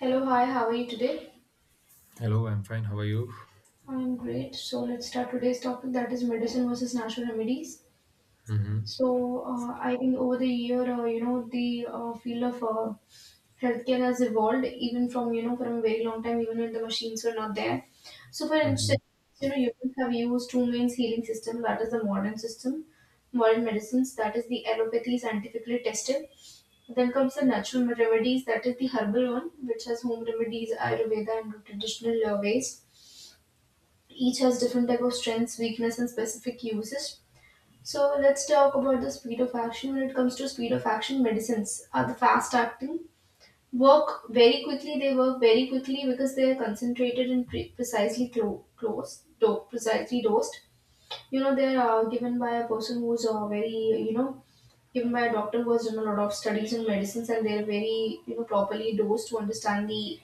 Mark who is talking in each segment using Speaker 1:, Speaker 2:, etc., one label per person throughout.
Speaker 1: Hello, hi, how are you today?
Speaker 2: Hello, I'm fine. How are you?
Speaker 1: I'm great. So let's start today's topic, that is medicine versus natural remedies.
Speaker 2: hmm
Speaker 1: So I think over the year, the field of healthcare has evolved even from, you know, from a very long time, even when the machines were not there. So for
Speaker 2: hmm.
Speaker 1: instance, you know, humans have used two main healing systems, that is the modern system, modern medicines, that is the allopathy, scientifically tested. Then comes the natural remedies, that is the herbal one, which has home remedies, Ayurveda and traditional ways. Each has different type of strengths, weakness and specific uses. So let's talk about the speed of action. When it comes to speed of action, medicines are the fast acting, work very quickly. They work very quickly because they are concentrated and precisely precisely dosed. You know, they're given by a person who's very you know given by a doctor who has done a lot of studies in medicines, and they're very, you know, properly dosed to understand the,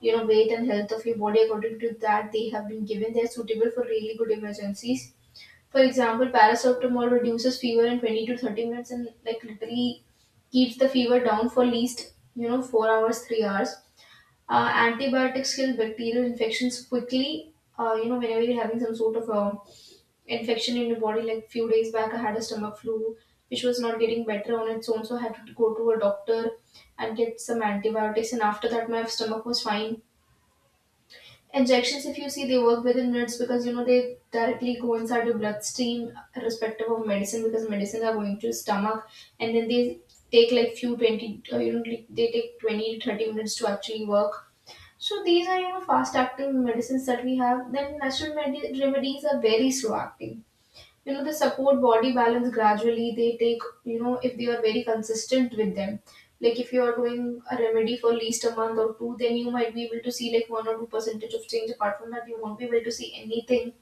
Speaker 1: you know, weight and health of your body. According to that, they have been given. They are suitable for really good emergencies. For example, paracetamol reduces fever in 20 to 30 minutes, and like literally keeps the fever down for at least, you know, 4 hours, 3 hours. Antibiotics kill bacterial infections quickly. Whenever you're having some sort of a infection in your body, like few days back I had a stomach flu which was not getting better on its own, so I had to go to a doctor and get some antibiotics, and after that my stomach was fine. Injections, if you see, they work within minutes, because you know they directly go inside your bloodstream, irrespective of medicine, because medicines are going to your stomach, and then they take like few 20, like, they take 20, 30 minutes to actually work. So these are, you know, fast acting medicines that we have. Then natural remedies are very slow acting. You know, they support body balance gradually. They take, you know, if they are very consistent with them, like if you are doing a remedy for at least a month or two, then you might be able to see like one or two percentage of change. Apart from that you won't be able to see anything.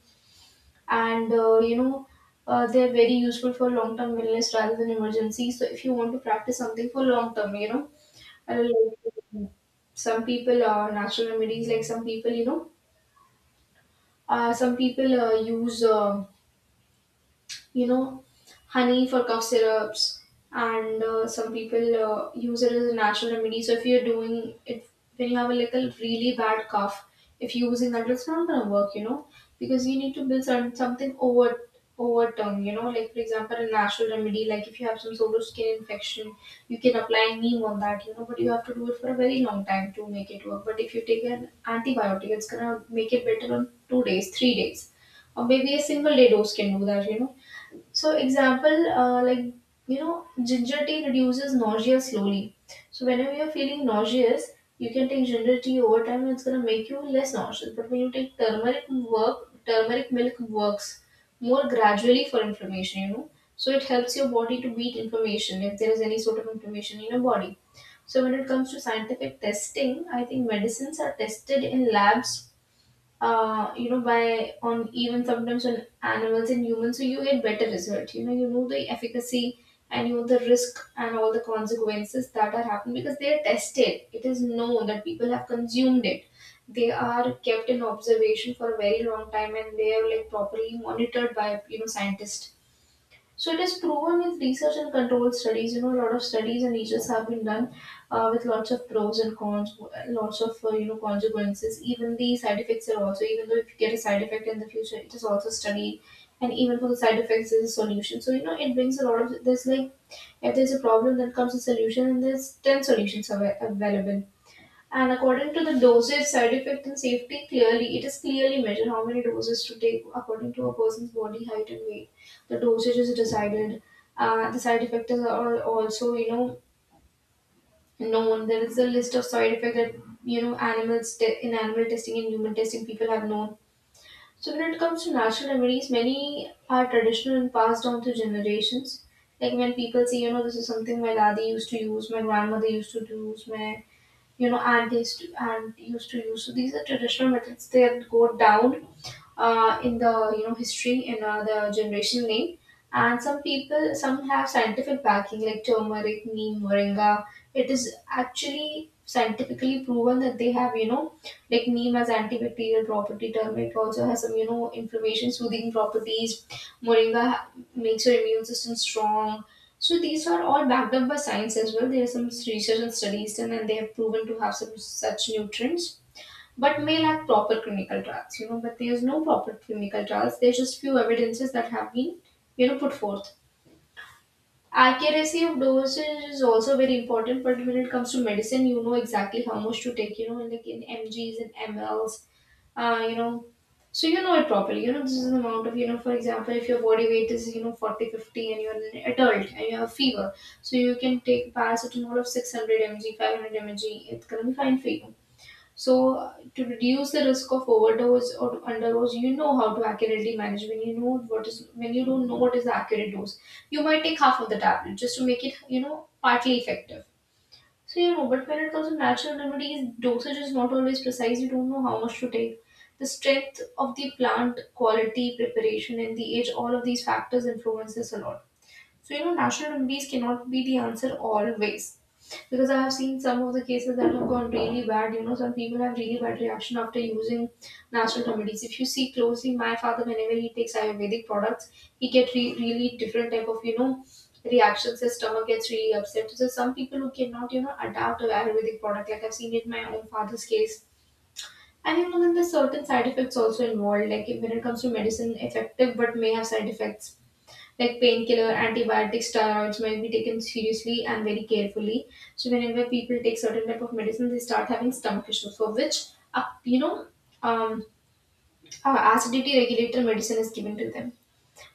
Speaker 1: And they're very useful for long term illness rather than emergency. So if you want to practice something for long term, you know, I like some people natural remedies. Like some people, you know some people use you know, honey for cough syrups, and some people use it as a natural remedy. So if you're doing it when you have a little really bad cough, if you're using that, it's not gonna work, you know, because you need to build some, something over overturned, you know, like for example, a natural remedy, like if you have some sort of skin infection, you can apply neem on that, you know, but you have to do it for a very long time to make it work. But if you take an antibiotic, it's gonna make it better on 2 days, 3 days, or maybe a single day dose can do that, you know. So, example, like, you know, ginger tea reduces nausea slowly. So whenever you're feeling nauseous, you can take ginger tea over time, and it's gonna make you less nauseous. But when you take turmeric milk works more gradually for inflammation. You know, so it helps your body to beat inflammation if there is any sort of inflammation in your body. So when it comes to scientific testing, I think medicines are tested in labs, you know, by on even sometimes on animals and humans, so you get better result. You know the efficacy and you know the risk and all the consequences that are happening, because they are tested. It is known that people have consumed it. They are kept in observation for a very long time and they are like properly monitored by, you know, scientists. So it is proven with research and controlled studies. You know, a lot of studies and research have been done with lots of pros and cons, lots of, consequences. Even the side effects are also. Even though if you get a side effect in the future, it is also studied, and even for the side effects, there's a solution. So you know, it brings a lot of. There's like, if there's a problem, then comes a solution, and there's ten solutions available. And according to the dosage, side effect, and safety, clearly it is clearly measured how many doses to take according to a person's body height and weight. The dosage is decided. The side effects are also, you know, known. There is a list of side effects that, you know, animals in animal testing and human testing people have known. So when it comes to natural remedies, many are traditional and passed on through generations. Like when people say, you know, this is something my daddy used to use, my grandmother used to use, my, you know, and used to use. So these are traditional methods. They go down in the, you know, history in the generation name. And some people, some have scientific backing, like turmeric, neem, moringa. It is actually scientifically proven that they have, you know, like neem has antibacterial property. Turmeric also has some, you know, inflammation soothing properties. Moringa makes your immune system strong. So these are all backed up by science as well. There are some research and studies done, and they have proven to have some such nutrients but may lack proper clinical trials. You know, but there's no proper clinical trials, there's just few evidences that have been, you know, put forth. Accuracy of dosage is also very important. But when it comes to medicine, you know exactly how much to take, you know, like in mgs and mls. uh, you know so you know it properly. You know, this is the amount of, you know, for example, if your body weight is, you know, 40, 50 and you're an adult and you have fever, so you can take paracetamol of 600 mg, 500 mg, it's gonna be fine for you. So, to reduce the risk of overdose or underdose, you know how to accurately manage. When you know what is, when you don't know what is the accurate dose, you might take half of the tablet just to make it, you know, partly effective. So you know, but when it comes to natural remedies, dosage is not always precise. You don't know how much to take. The strength of the plant, quality, preparation, and the age—all of these factors influences a lot. So, you know, national remedies cannot be the answer always. Because I have seen some of the cases that have gone really bad. You know, some people have really bad reaction after using natural remedies. If you see closely, my father, whenever he takes Ayurvedic products, he get really different type of, you know, reactions. His stomach gets really upset. So some people who cannot, you know, adapt to Ayurvedic product, like I've seen it in my own father's case. And you know, then there's certain side effects also involved. Like when it comes to medicine, effective but may have side effects, like painkiller, antibiotics, steroids, might be taken seriously and very carefully. So whenever people take certain type of medicine, they start having stomach issues, for which, uh, you know, um, acidity regulator medicine is given to them.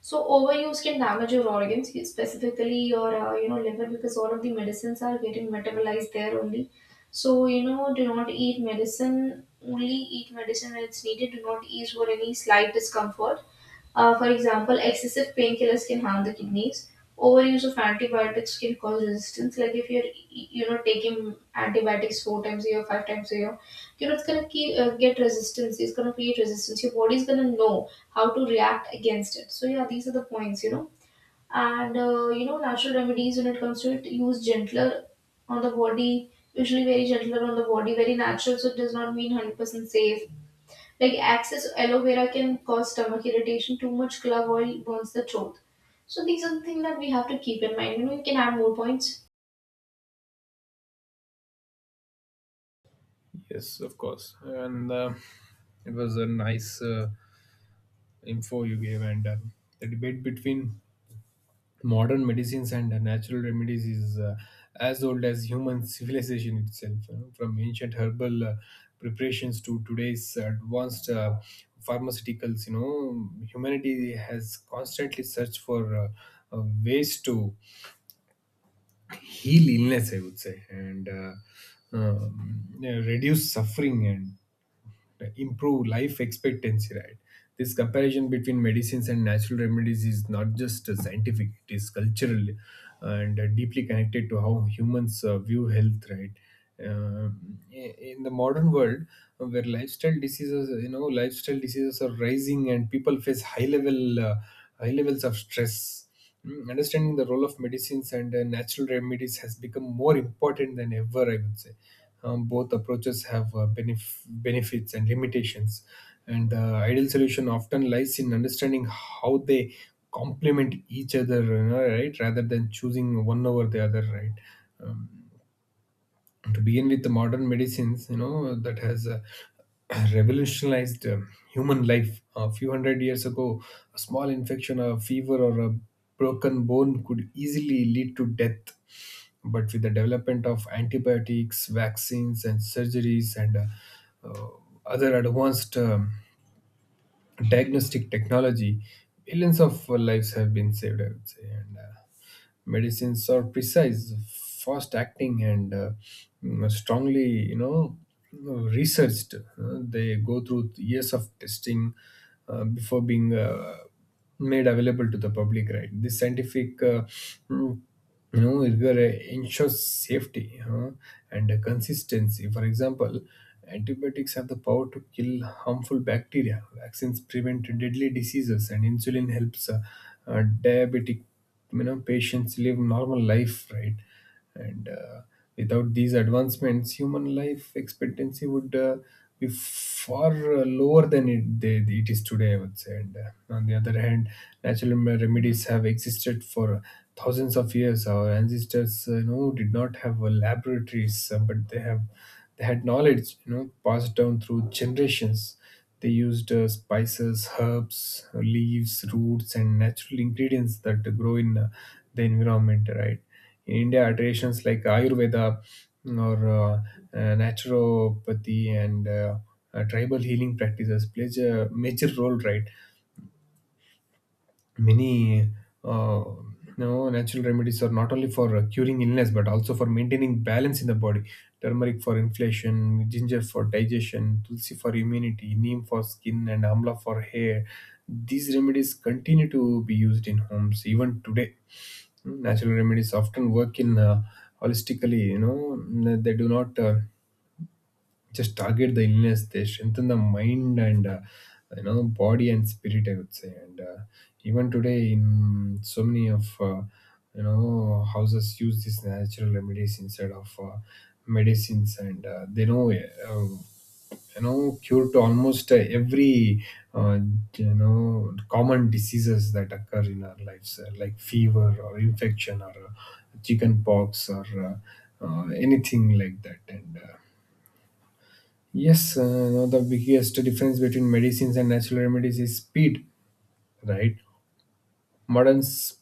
Speaker 1: So overuse can damage your organs, specifically your, liver, because all of the medicines are getting metabolized there only. So you know, do not eat medicine. Only eat medicine when it's needed. Do not eat for any slight discomfort. For example, excessive painkillers can harm the kidneys. Overuse of antibiotics can cause resistance. Like if you're, you know, taking antibiotics 4 times a year, 5 times a year, you know, it's gonna keep, get resistance. It's gonna create resistance. Your body's gonna know how to react against it. So yeah, these are the points. You know and you know natural remedies, when it comes to it, use gentler on the body, usually very gentler on the body, very natural, so it does not mean 100% safe. Like excess aloe vera can cause stomach irritation, too much clove oil burns the throat. So these are the things that we have to keep in mind, you know, you can add more points.
Speaker 2: Yes, of course. And it was a nice info you gave. And the debate between modern medicines and natural remedies is as old as human civilization itself, you know, from ancient herbal preparations to today's advanced pharmaceuticals. You know, humanity has constantly searched for ways to heal illness, I would say, and yeah, reduce suffering and improve life expectancy, right? This comparison between medicines and natural remedies is not just scientific, it is cultural and deeply connected to how humans view health, right? In the modern world, where lifestyle diseases are rising and people face high levels of stress. Mm, understanding the role of medicines and natural remedies has become more important than ever, I would say. Um, both approaches have benefits and limitations, and the ideal solution often lies in understanding how they complement each other, you know, right, rather than choosing one over the other, right. To begin with, the modern medicines, you know, that has revolutionized human life. A few hundred years ago, a small infection, a fever, or a broken bone could easily lead to death, but with the development of antibiotics, vaccines, and surgeries, and uh, other advanced diagnostic technology, millions of lives have been saved, I would say. And medicines are precise, fast acting, and strongly, you know, researched. They go through years of testing before being made available to the public, right. This scientific mm, you know, rigor ensures safety, huh, and consistency. For example, antibiotics have the power to kill harmful bacteria, vaccines prevent deadly diseases, and insulin helps uh, diabetic our patients live normal life, right? And without these advancements, human life expectancy would be far lower than it is today, I would say. And on the other hand, natural remedies have existed for thousands of years. Our ancestors, you know, did not have laboratories, but they had knowledge, you know, passed down through generations. They used spices, herbs, leaves, roots, and natural ingredients that grow in the environment, right? In India, traditions like Ayurveda, mm, or naturopathy, and tribal healing practices plays a major role, right? Many uh, you know, natural remedies are not only for curing illness, but also for maintaining balance in the body. Turmeric for inflammation, ginger for digestion, tulsi for immunity, neem for skin, and amla for hair. These remedies continue to be used in homes even today. Hmm, natural remedies often work in holistically, you know. They do not just target the illness, they strengthen the mind and you know, body and spirit, I would say. And even today, in so many of you know, houses use these natural remedies instead of medicines, and they know you know, cure to almost every uh, you know, common diseases that occur in our lives, like fever or infection or chicken pox or anything like that, and yes, now the biggest difference between medicines and natural remedies is speed, right? Modern s-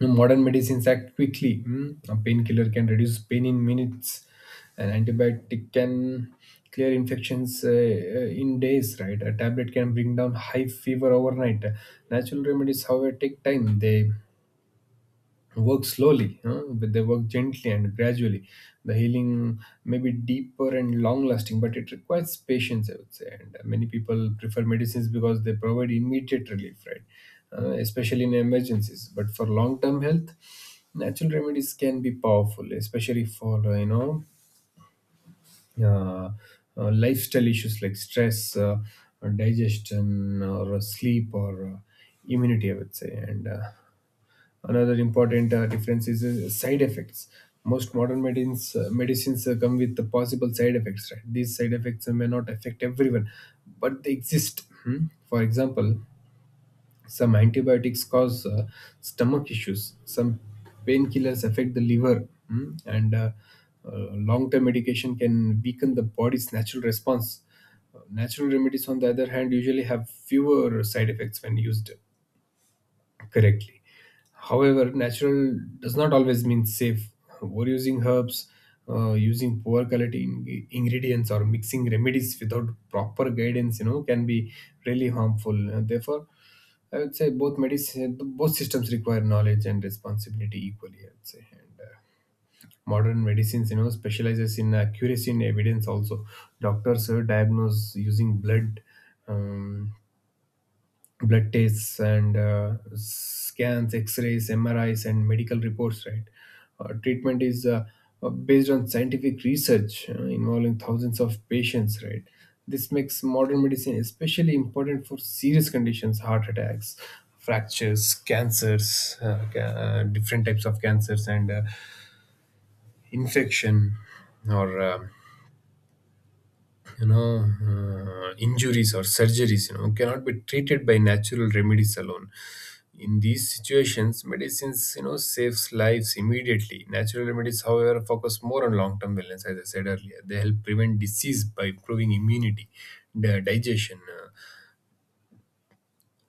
Speaker 2: modern medicines act quickly. Mm. A painkiller can reduce pain in minutes. An antibiotic can clear infections in days, right? A tablet can bring down high fever overnight. Natural remedies, however, take time. They work slowly, huh? But they work gently and gradually. The healing may be deeper and long lasting, but it requires patience, I would say. And many people prefer medicines because they provide immediate relief, right, especially in emergencies, but for long term health, natural remedies can be powerful, especially for uh, lifestyle issues like stress, or digestion, or sleep, or immunity, I would say. And another important difference is side effects. Most modern medicines come with the possible side effects. Right? These side effects may not affect everyone, but they exist. Hmm? For example, some antibiotics cause stomach issues. Some painkillers affect the liver, hmm? And long-term medication can weaken the body's natural response. Natural remedies, on the other hand, usually have fewer side effects when used correctly. However, natural does not always mean safe. Overusing herbs, using poor quality ingredients, or mixing remedies without proper guidance, you know, can be really harmful. Therefore, I would say, both both systems require knowledge and responsibility equally, I would say. And modern medicines, you know, specializes in accuracy in evidence. Also, doctors diagnose using blood. Um, blood tests and scans, X-rays, MRIs, and medical reports. Right, treatment is based on scientific research involving thousands of patients. Right, this makes modern medicine especially important for serious conditions, heart attacks, fractures, cancers, different types of cancers, and infection or you know, injuries or surgeries, you know, cannot be treated by natural remedies alone. In these situations, medicines, you know, saves lives immediately. Natural remedies, however, focus more on long term wellness. As I said earlier, they help prevent disease by improving immunity, digestion,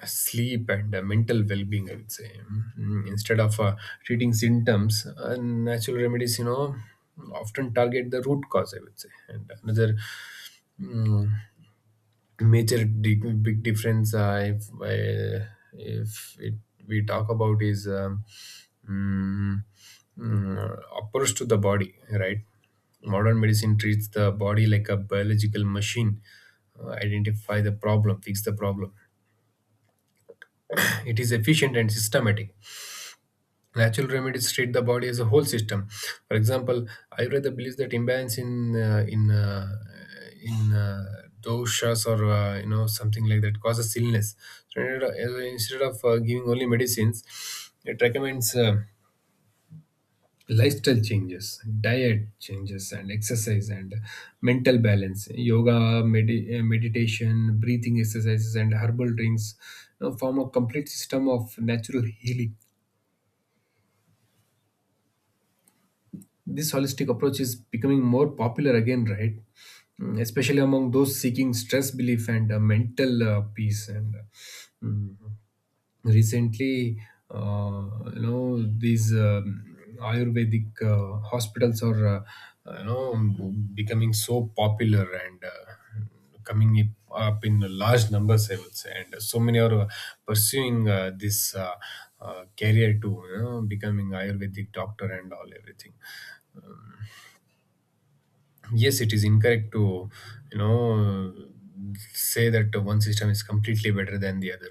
Speaker 2: sleep, and mental well-being, I would say. Mm, instead of treating symptoms, natural remedies, you know, often target the root cause, I would say. And another mm, big difference, if we talk about, is mm, approach to the body, right. Modern medicine treats the body like a biological machine. Uh, identify the problem, fix the problem. It is efficient and systematic. Natural remedies treat the body as a whole system. For example, Ayurveda believes that imbalance in doshas or you know, something like that causes illness. So instead of giving only medicines, it recommends lifestyle changes, diet changes, and exercise and mental balance. Yoga, meditation, breathing exercises, and herbal drinks, you know, form a complete system of natural healing. This holistic approach is becoming more popular again, right? Mm, especially among those seeking stress relief and mental peace. And mm, recently, you know, these Ayurvedic hospitals are you know, becoming so popular and coming up in large numbers, I would say. And so many are pursuing this career to, you know, becoming Ayurvedic doctor and all, everything. Yes, it is incorrect to, you know, say that one system is completely better than the other.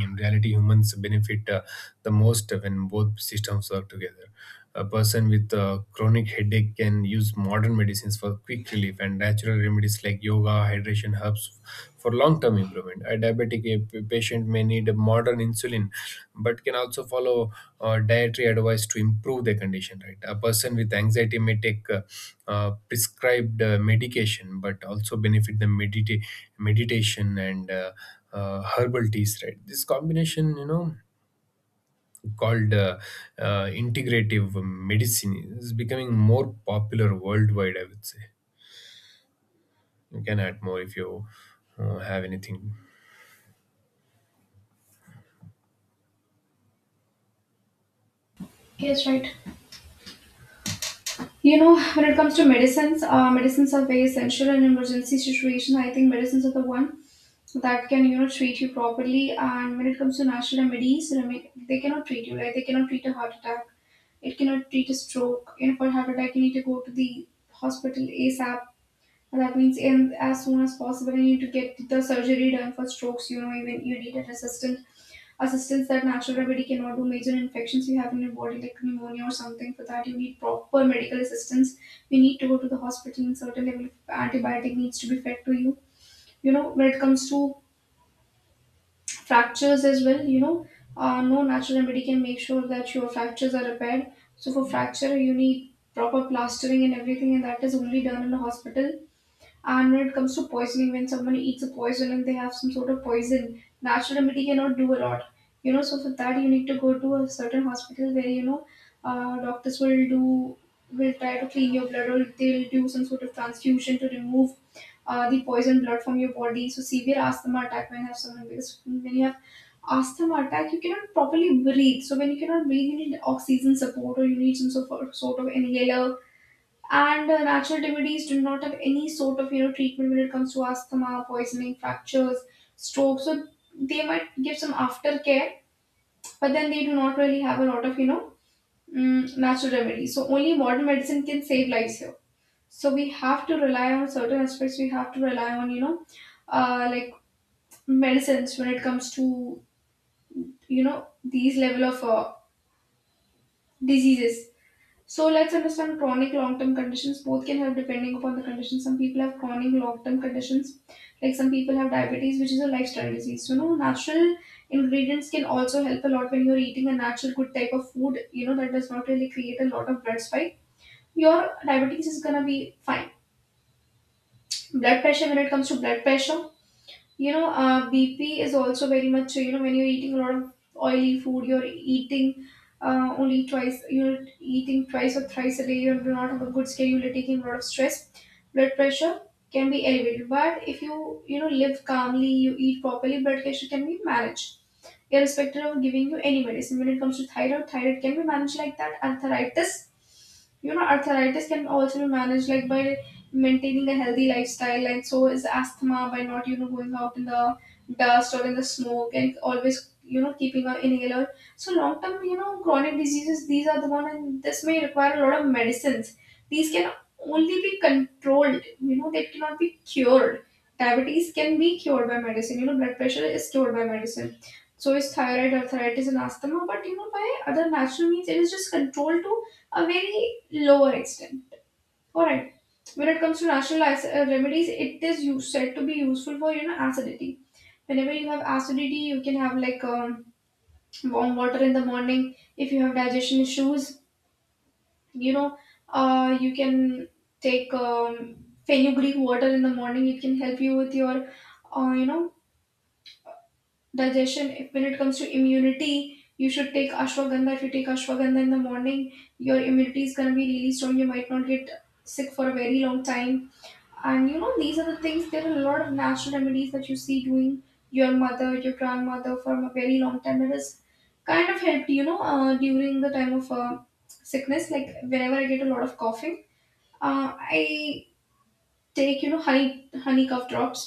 Speaker 2: In reality, humans benefit the most when both systems work together. A person with a chronic headache can use modern medicines for quick relief and natural remedies like yoga, hydration, herbs for long-term improvement. A diabetic patient may need a modern insulin, but can also follow dietary advice to improve their condition. Right, a person with anxiety may take prescribed medication, but also benefit the meditation and herbal teas. Right, this combination, you know, called integrative medicine is becoming more popular worldwide, I would say. You can add more if you have anything.
Speaker 1: Yes, right. You know, when it comes to medicines, medicines are very essential in emergency situation. I think medicines are the one that can, you know, treat you properly. And when it comes to natural remedies, they cannot treat you. They cannot treat a heart attack. It cannot treat a stroke. You know, for heart attack, you need to go to the hospital ASAP. And that means in as soon as possible. You need to get the surgery done for strokes. You know, even you need an assistant, a substance that natural remedy cannot do. Major infections you have in your body like pneumonia or something, for that you need proper medical assistance. You need to go to the hospital, and certain level of antibiotic needs to be fed to you. You know, when it comes to fractures as well, you know, no natural remedy can make sure that your fractures are repaired. So for fracture you need proper plastering and everything, and that is only done in the hospital. And when it comes to poisoning, when someone eats a poison and they have some sort of poison, natural remedy cannot do a lot. You know, so for that you need to go to a certain hospital where you know doctors will do will try to clean your blood, or they'll do some sort of transfusion to remove the poison blood from your body. So severe asthma attack when you have someone, because when you have asthma attack you cannot properly breathe. So when you cannot breathe, you need oxygen support, or you need some sort of inhaler. And natural remedies do not have any sort of, you know, treatment when it comes to asthma, poisoning, fractures, strokes. So they might give some aftercare, but then they do not really have a lot of, you know, natural remedies. So only modern medicine can save lives here. So we have to rely on certain aspects. We have to rely on, you know, like medicines when it comes to, you know, these level of diseases. So let's understand chronic long-term conditions. Both can help depending upon the condition. Some people have chronic long-term conditions, like some people have diabetes, which is a lifestyle disease. So, you know, natural ingredients can also help a lot when you're eating a natural good type of food. You know that does not really create a lot of blood spike. Your diabetes is gonna be fine. Blood pressure, when it comes to blood pressure, you know, bp is also very much, you know, when you're eating a lot of oily food, you're eating only twice you're eating twice or thrice a day, you do not have a good schedule, you're taking a lot of stress, blood pressure can be elevated. But if you, you know, live calmly, you eat properly, blood pressure can be managed, irrespective of giving you any medicine. When it comes to thyroid, thyroid can be managed like that. Arthritis, you know, arthritis can also be managed like by maintaining a healthy lifestyle, and so is asthma by not, you know, going out in the dust or in the smoke and always, you know, keeping an inhaler. So long term, you know, chronic diseases, these are the one, and this may require a lot of medicines. These can only be controlled. You know, they cannot be cured. Diabetes can be cured by medicine. You know, blood pressure is cured by medicine, so is thyroid, arthritis, and asthma. But you know, by other natural means, it is just controlled to a very lower extent. Alright. When it comes to natural remedies, it is used, said to be useful for, you know, acidity. Whenever you have acidity, you can have like warm water in the morning. If you have digestion issues, you know, you can take fenugreek water in the morning. It can help you with your, uh, you know, digestion. If, When it comes to immunity, you should take ashwagandha. If you take ashwagandha in the morning, your immunity is going to be really strong, you might not get sick for a very long time. And you know, these are the things. There are a lot of natural remedies that you see doing, your mother, your grandmother, from a very long time. It has kind of helped, you know, during the time of sickness. Like whenever I get a lot of coughing, uh, I take, you know, honey cough drops,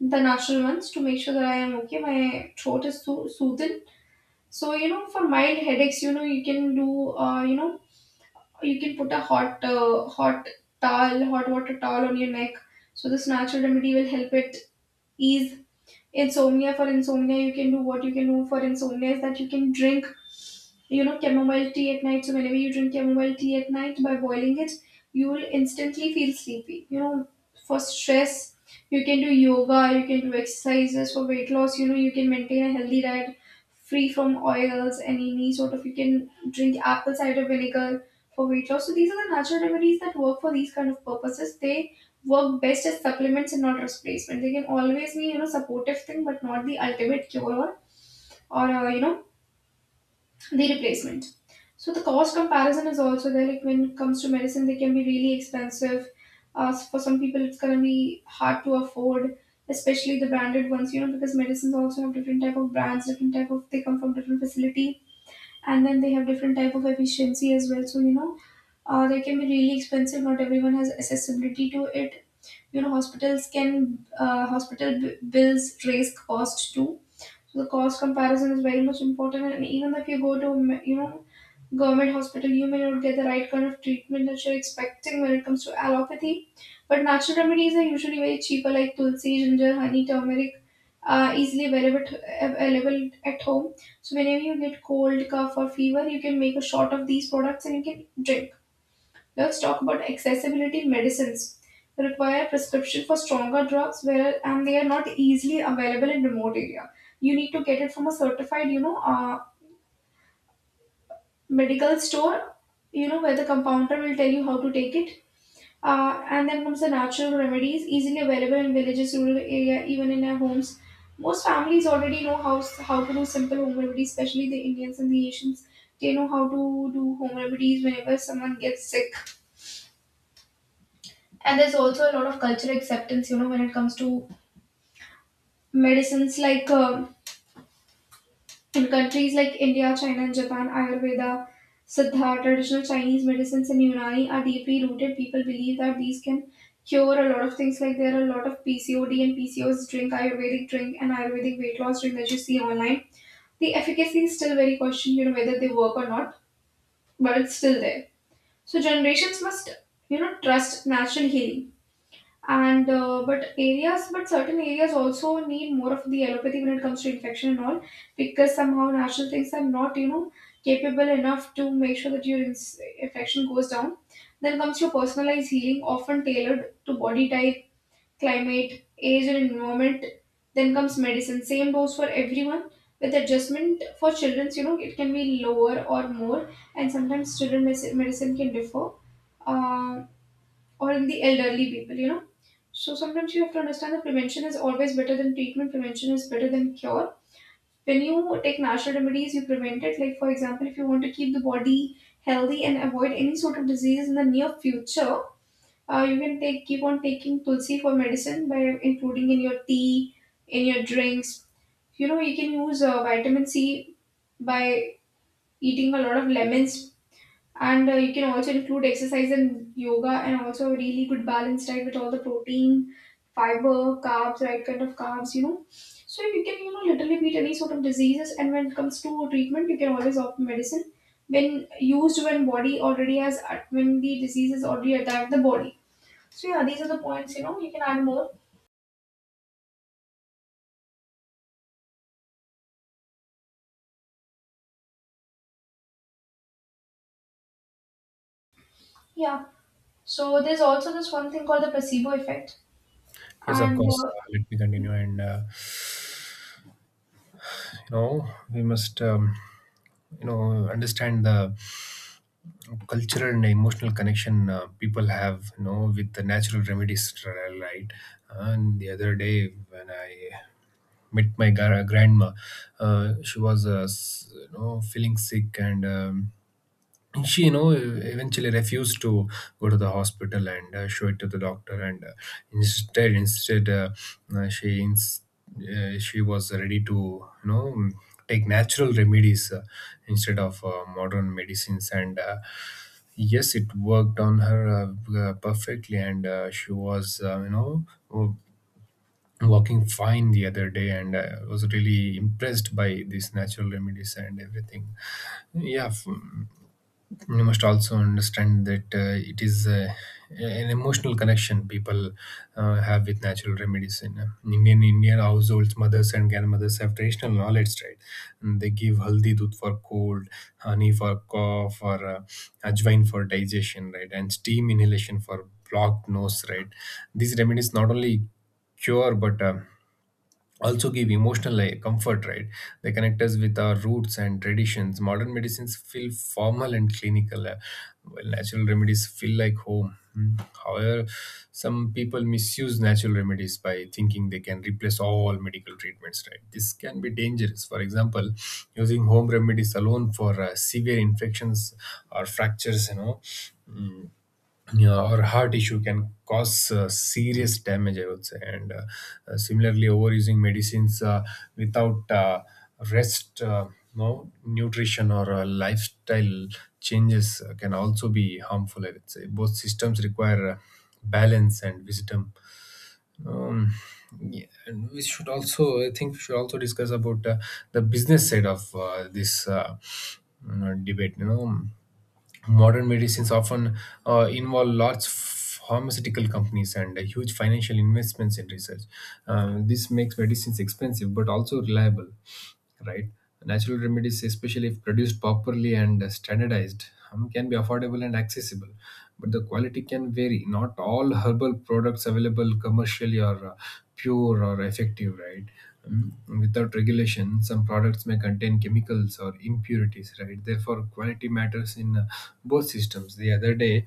Speaker 1: the natural ones, to make sure that I am okay, my throat is so soothed. So you know, for mild headaches, you know, you can do, you can put a hot towel, hot water towel on your neck. So this natural remedy will help it ease. Insomnia, for insomnia, you can do for insomnia is that you can drink, you know, chamomile tea at night. So whenever you drink chamomile tea at night by boiling it, you will instantly feel sleepy, you know. For stress, you can do yoga, you can do exercises. For weight loss, you know, you can maintain a healthy diet free from oils and any sort of, you can drink apple cider vinegar for weight loss. So these are the natural remedies that work for these kind of purposes. They work best as supplements and not replacement. They can always be, you know, supportive thing, but not the ultimate cure, or, or uh, you know, the replacement. So the cost comparison is also there. Like when it comes to medicine, they can be really expensive. For some people, it's gonna be hard to afford, especially the branded ones, you know, because medicines also have different type of brands, different type of, they come from different facility, and then they have different type of efficiency as well. So you know, they can be really expensive. Not everyone has accessibility to it. You know, hospitals can, hospital bills raise cost too. So the cost comparison is very much important. And even if you go to, you know, government hospital, you may not get the right kind of treatment that you're expecting when it comes to allopathy. But natural remedies are usually very cheaper, like tulsi, ginger, honey, turmeric, easily available, available at home. So whenever you get cold, cough, or fever, you can make a shot of these products and you can drink. Let's talk about accessibility. Medicines require prescription for stronger drugs where and they are not easily available in remote area. You need to get it from a certified, you know, medical store, you know, where the compounder will tell you how to take it. And then comes the natural remedies, easily available in villages, rural area, even in our homes. Most families already know how to do simple home remedies, especially the Indians and the Asians. They know how to do home remedies whenever someone gets sick. And there's also a lot of cultural acceptance, you know, when it comes to medicines. Like in countries like India, China, and Japan, Ayurveda, Siddha, traditional Chinese medicines, and Unani are deeply rooted. People believe that these can cure a lot of things. Like there are a lot of PCOD and PCOS drink, ayurvedic drink, and ayurvedic weight loss drink that you see online. The efficacy is still very questioned, you know, whether they work or not, but it's still there. So generations must, you know, trust natural healing. And But areas, but certain areas also need more of the allopathy when it comes to infection and all, because somehow natural things are not, you know, capable enough to make sure that your infection goes down. Then comes your personalized healing, often tailored to body type, climate, age, and environment. Then comes medicine, same dose for everyone, with adjustment for children's, you know, it can be lower or more. And sometimes children medicine can differ. Uh, or in the elderly people, you know. So sometimes you have to understand that prevention is always better than treatment, prevention is better than cure. When you take natural remedies, you prevent it. Like, for example, if you want to keep the body healthy and avoid any sort of disease in the near future, you can take, keep on taking tulsi for medicine by including in your tea, in your drinks. You know, you can use vitamin C by eating a lot of lemons. And you can also include exercise and yoga and also a really good balanced diet with all the protein, fiber, carbs, right kind of carbs, you know, so you can, you know, literally beat any sort of diseases. And when it comes to treatment, you can always opt medicine, when body already has, when the disease has already attacked the body. So yeah, these are the points, you know, you can add more. Yeah, so there's also this one thing called the placebo effect.
Speaker 2: Yes, of
Speaker 1: And
Speaker 2: course. Let me continue, and you know, we must, you know, understand the cultural and emotional connection people have, you know, with the natural remedies, right? And the other day when I met my grandma, she was, you know, feeling sick. And. Um, she, you know, eventually refused to go to the hospital and show it to the doctor, and instead uh, she ins- she was ready to, you know, take natural remedies instead of modern medicines, and yes, it worked on her perfectly, and she was you know, walking fine the other day, and was really impressed by these natural remedies and everything. yeah f- you must also understand that it is an emotional connection people have with natural remedies in Indian households. Mothers and grandmothers have traditional knowledge, right? And they give haldi dudh for cold, honey for cough, or ajwain for digestion, right? And steam inhalation for blocked nose, right? These remedies not only cure, but also give emotional, like, comfort, right. They connect us with our roots and traditions. Modern medicines feel formal and clinical, while natural remedies feel like home. Hmm. However, some people misuse natural remedies by thinking they can replace all medical treatments, right? This can be dangerous. For example, using home remedies alone for severe infections or fractures. Mm, yeah, or heart issue can cause serious damage, I would say. And similarly, overusing medicines without rest, no nutrition, or lifestyle changes can also be harmful, I would say. Both systems require balance and wisdom. um, yeah, and we should also, I think we should also discuss about the business side of this you debate. Modern medicines often involve large pharmaceutical companies and huge financial investments in research. This makes medicines expensive but also reliable, right? Natural remedies, especially if produced properly and standardized, can be affordable and accessible, but the quality can vary. Not all herbal products available commercially are pure or effective, right? Um, without regulation, some products may contain chemicals or impurities, right? Therefore, quality matters in both systems. The other day,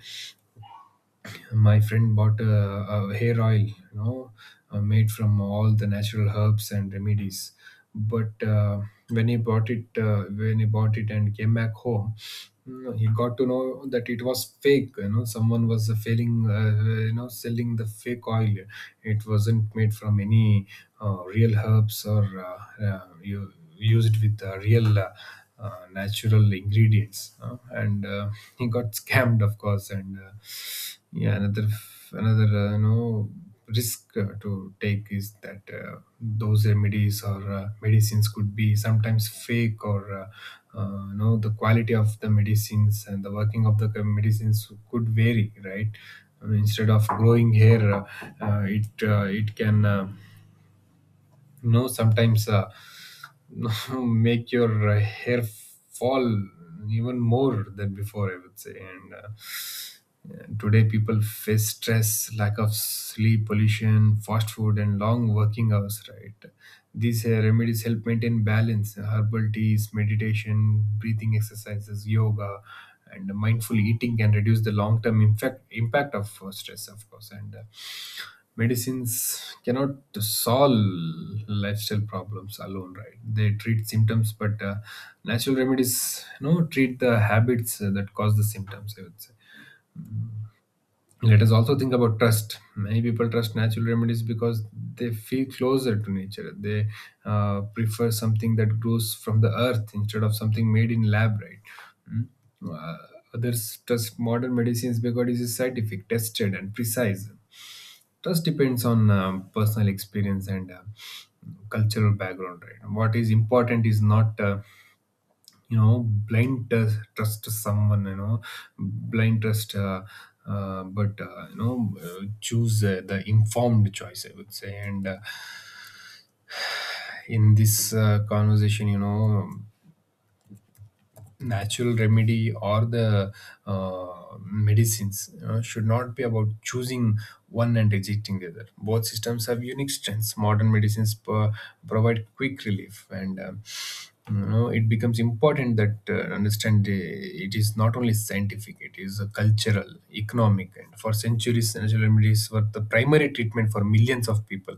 Speaker 2: my friend bought a hair oil, made from all the natural herbs and remedies, but when he bought it, and came back home, he got to know that it was fake. Someone was failing, selling the fake oil. It wasn't made from any real herbs or you used with real natural ingredients, and he got scammed, of course. And yeah, another risk to take is that those remedies or medicines could be sometimes fake, or the quality of the medicines and the working of the medicines could vary, right? I mean, instead of growing hair, it, it can sometimes make your hair fall even more than before, I would say. And yeah, today people face stress, lack of sleep, pollution, fast food, and long working hours, right? These remedies help maintain balance. Herbal teas, meditation, breathing exercises, yoga, and mindful eating can reduce the long term impact of stress, of course. And medicines cannot solve lifestyle problems alone, right? They treat symptoms, but natural remedies, you know, treat the habits that cause the symptoms, I would say. Let us also think about trust. Many people trust natural remedies because they feel closer to nature. They prefer something that grows from the earth instead of something made in lab, right? Mm. Uh, Others trust modern medicines because it is scientific, tested, and precise. Trust depends on personal experience and cultural background, right? What is important is not, you know, blind trust, trust to someone, you know, blind trust, uh, but, you know, choose the informed choice, I would say. And in this conversation, you know, natural remedy or the medicines should not be about choosing one and rejecting the other. Both systems have unique strengths. Modern medicines provide quick relief, and you know, it becomes important that understand it is not only scientific; it is a cultural, economic, and for centuries, natural remedies were the primary treatment for millions of people.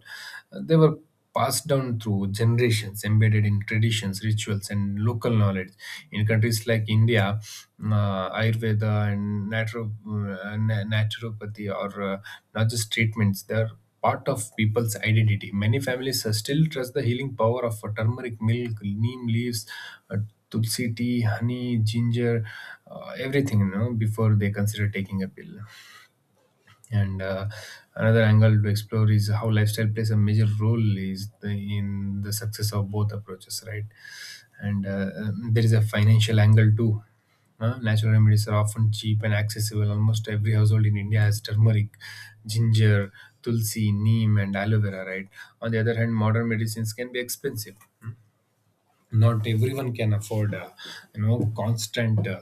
Speaker 2: They were passed down through generations, embedded in traditions, rituals, and local knowledge. In countries like India, Ayurveda and naturopathy are not just treatments, they're part of people's identity. Many families still trust the healing power of turmeric milk, neem leaves, uh, tulsi tea, honey, ginger, everything, you know, before they consider taking a pill. And another angle to explore is how lifestyle plays a major role is in the success of both approaches, right? And there is a financial angle too. Natural remedies are often cheap and accessible. Almost every household in India has turmeric, ginger, tulsi, neem, and aloe vera, right? On the other hand, modern medicines can be expensive. Not everyone can afford constant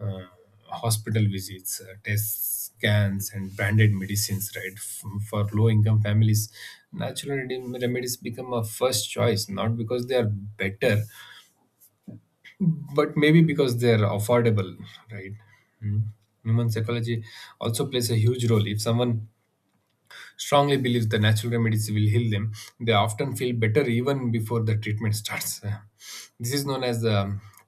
Speaker 2: uh, hospital visits, tests, scans, and branded medicines, right? For low income families, natural remedies become a first choice, not because they are better, but maybe because they are affordable, right? Mm. Human psychology also plays a huge role. If someone strongly believes the natural remedies will heal them, they often feel better even before the treatment starts. This is known as the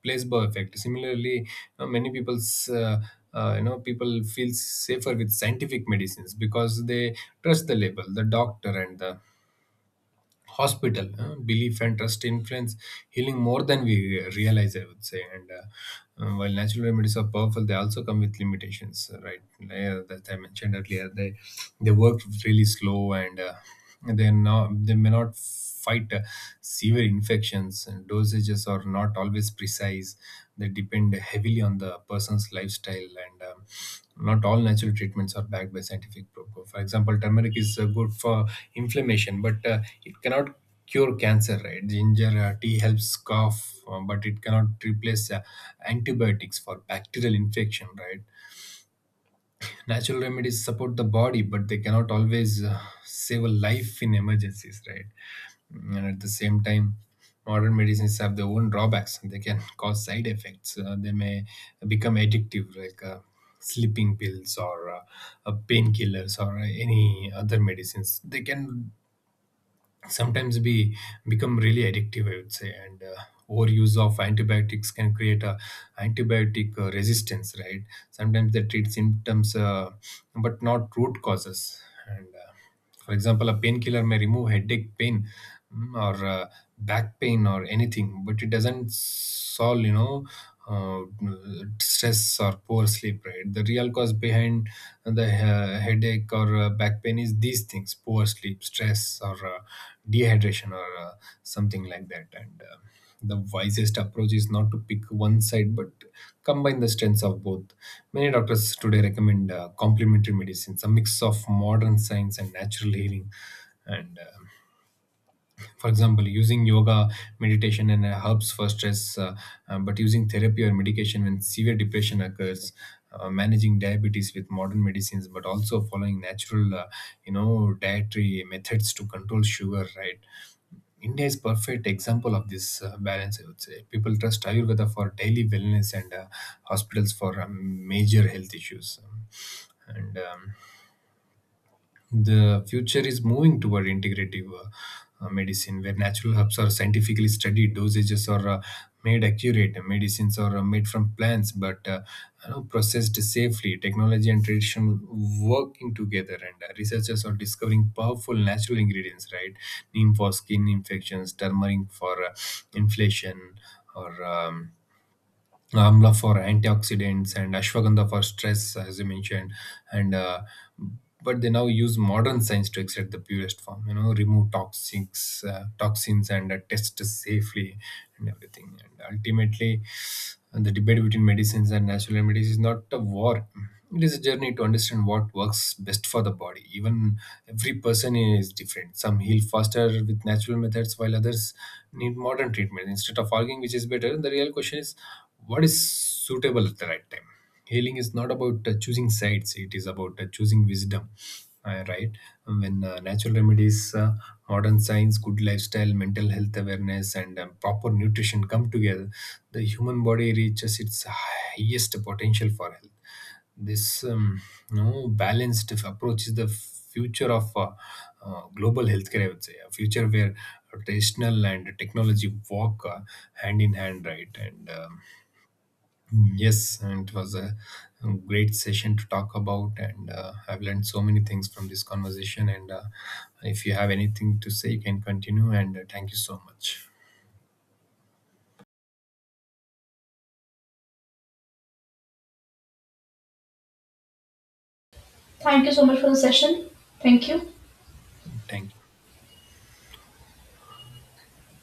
Speaker 2: placebo effect. Similarly, you know, people feel safer with scientific medicines because they trust the label, the doctor, and the hospital. Belief and trust influence healing more than we realize, I would say. And while natural remedies are powerful, they also come with limitations, right? Like that I mentioned earlier, they work really slow, and they may not fight severe infections. And dosages are not always precise, they depend heavily on the person's lifestyle, and not all natural treatments are backed by scientific proof. For example, turmeric is good for inflammation, but it cannot cure cancer, right? Ginger tea helps cough, but it cannot replace antibiotics for bacterial infection, right? Natural remedies support the body, but they cannot always save a life in emergencies, right? And at the same time, modern medicines have their own drawbacks. They can cause side effects. They may become addictive, like sleeping pills or painkillers or any other medicines. They can sometimes be become really addictive, I would say. And overuse of antibiotics can create a antibiotic resistance, right? Sometimes they treat symptoms, but not root causes. And for example, a painkiller may remove headache pain, or back pain or anything, but it doesn't solve, you know, uh, stress or poor sleep, right? The real cause behind the headache or back pain is these things: poor sleep, stress, or dehydration, or something like that. And the wisest approach is not to pick one side, but combine the strengths of both. Many doctors today recommend complementary medicines, a mix of modern science and natural healing. And for example, using yoga, meditation, and herbs for stress, but using therapy or medication when severe depression occurs, managing diabetes with modern medicines but also following natural dietary methods to control sugar, right? India is perfect example of this balance, I would say. People trust Ayurveda for daily wellness and hospitals for major health issues. And The future is moving toward integrative medicine, where natural herbs are scientifically studied, dosages are made accurate, and medicines are made from plants, but you know, processed safely. Technology and tradition working together, and researchers are discovering powerful natural ingredients, right? Neem for skin infections, turmeric for inflation, or amla for antioxidants, and ashwagandha for stress, as you mentioned. And but they now use modern science to extract the purest form, you know, remove toxics, toxins, and test safely and everything. And ultimately, the debate between medicines and natural remedies is not a war. It is a journey to understand what works best for the body. Even every person is different. Some heal faster with natural methods, while others need modern treatment. Instead of arguing which is better, the real question is, what is suitable at the right time? Healing is not about choosing sides, it is about choosing wisdom, right? When natural remedies, modern science, good lifestyle, mental health awareness, and proper nutrition come together, the human body reaches its highest potential for health. This no balanced approach is the future of global healthcare, I would say. A future where traditional and technology walk hand in hand, right? And yes, and it was a great session to talk about, and I've learned so many things from this conversation. And if you have anything to say, you can continue. And thank you so much.
Speaker 1: Thank you so much for the session. Thank you.
Speaker 2: Thank you.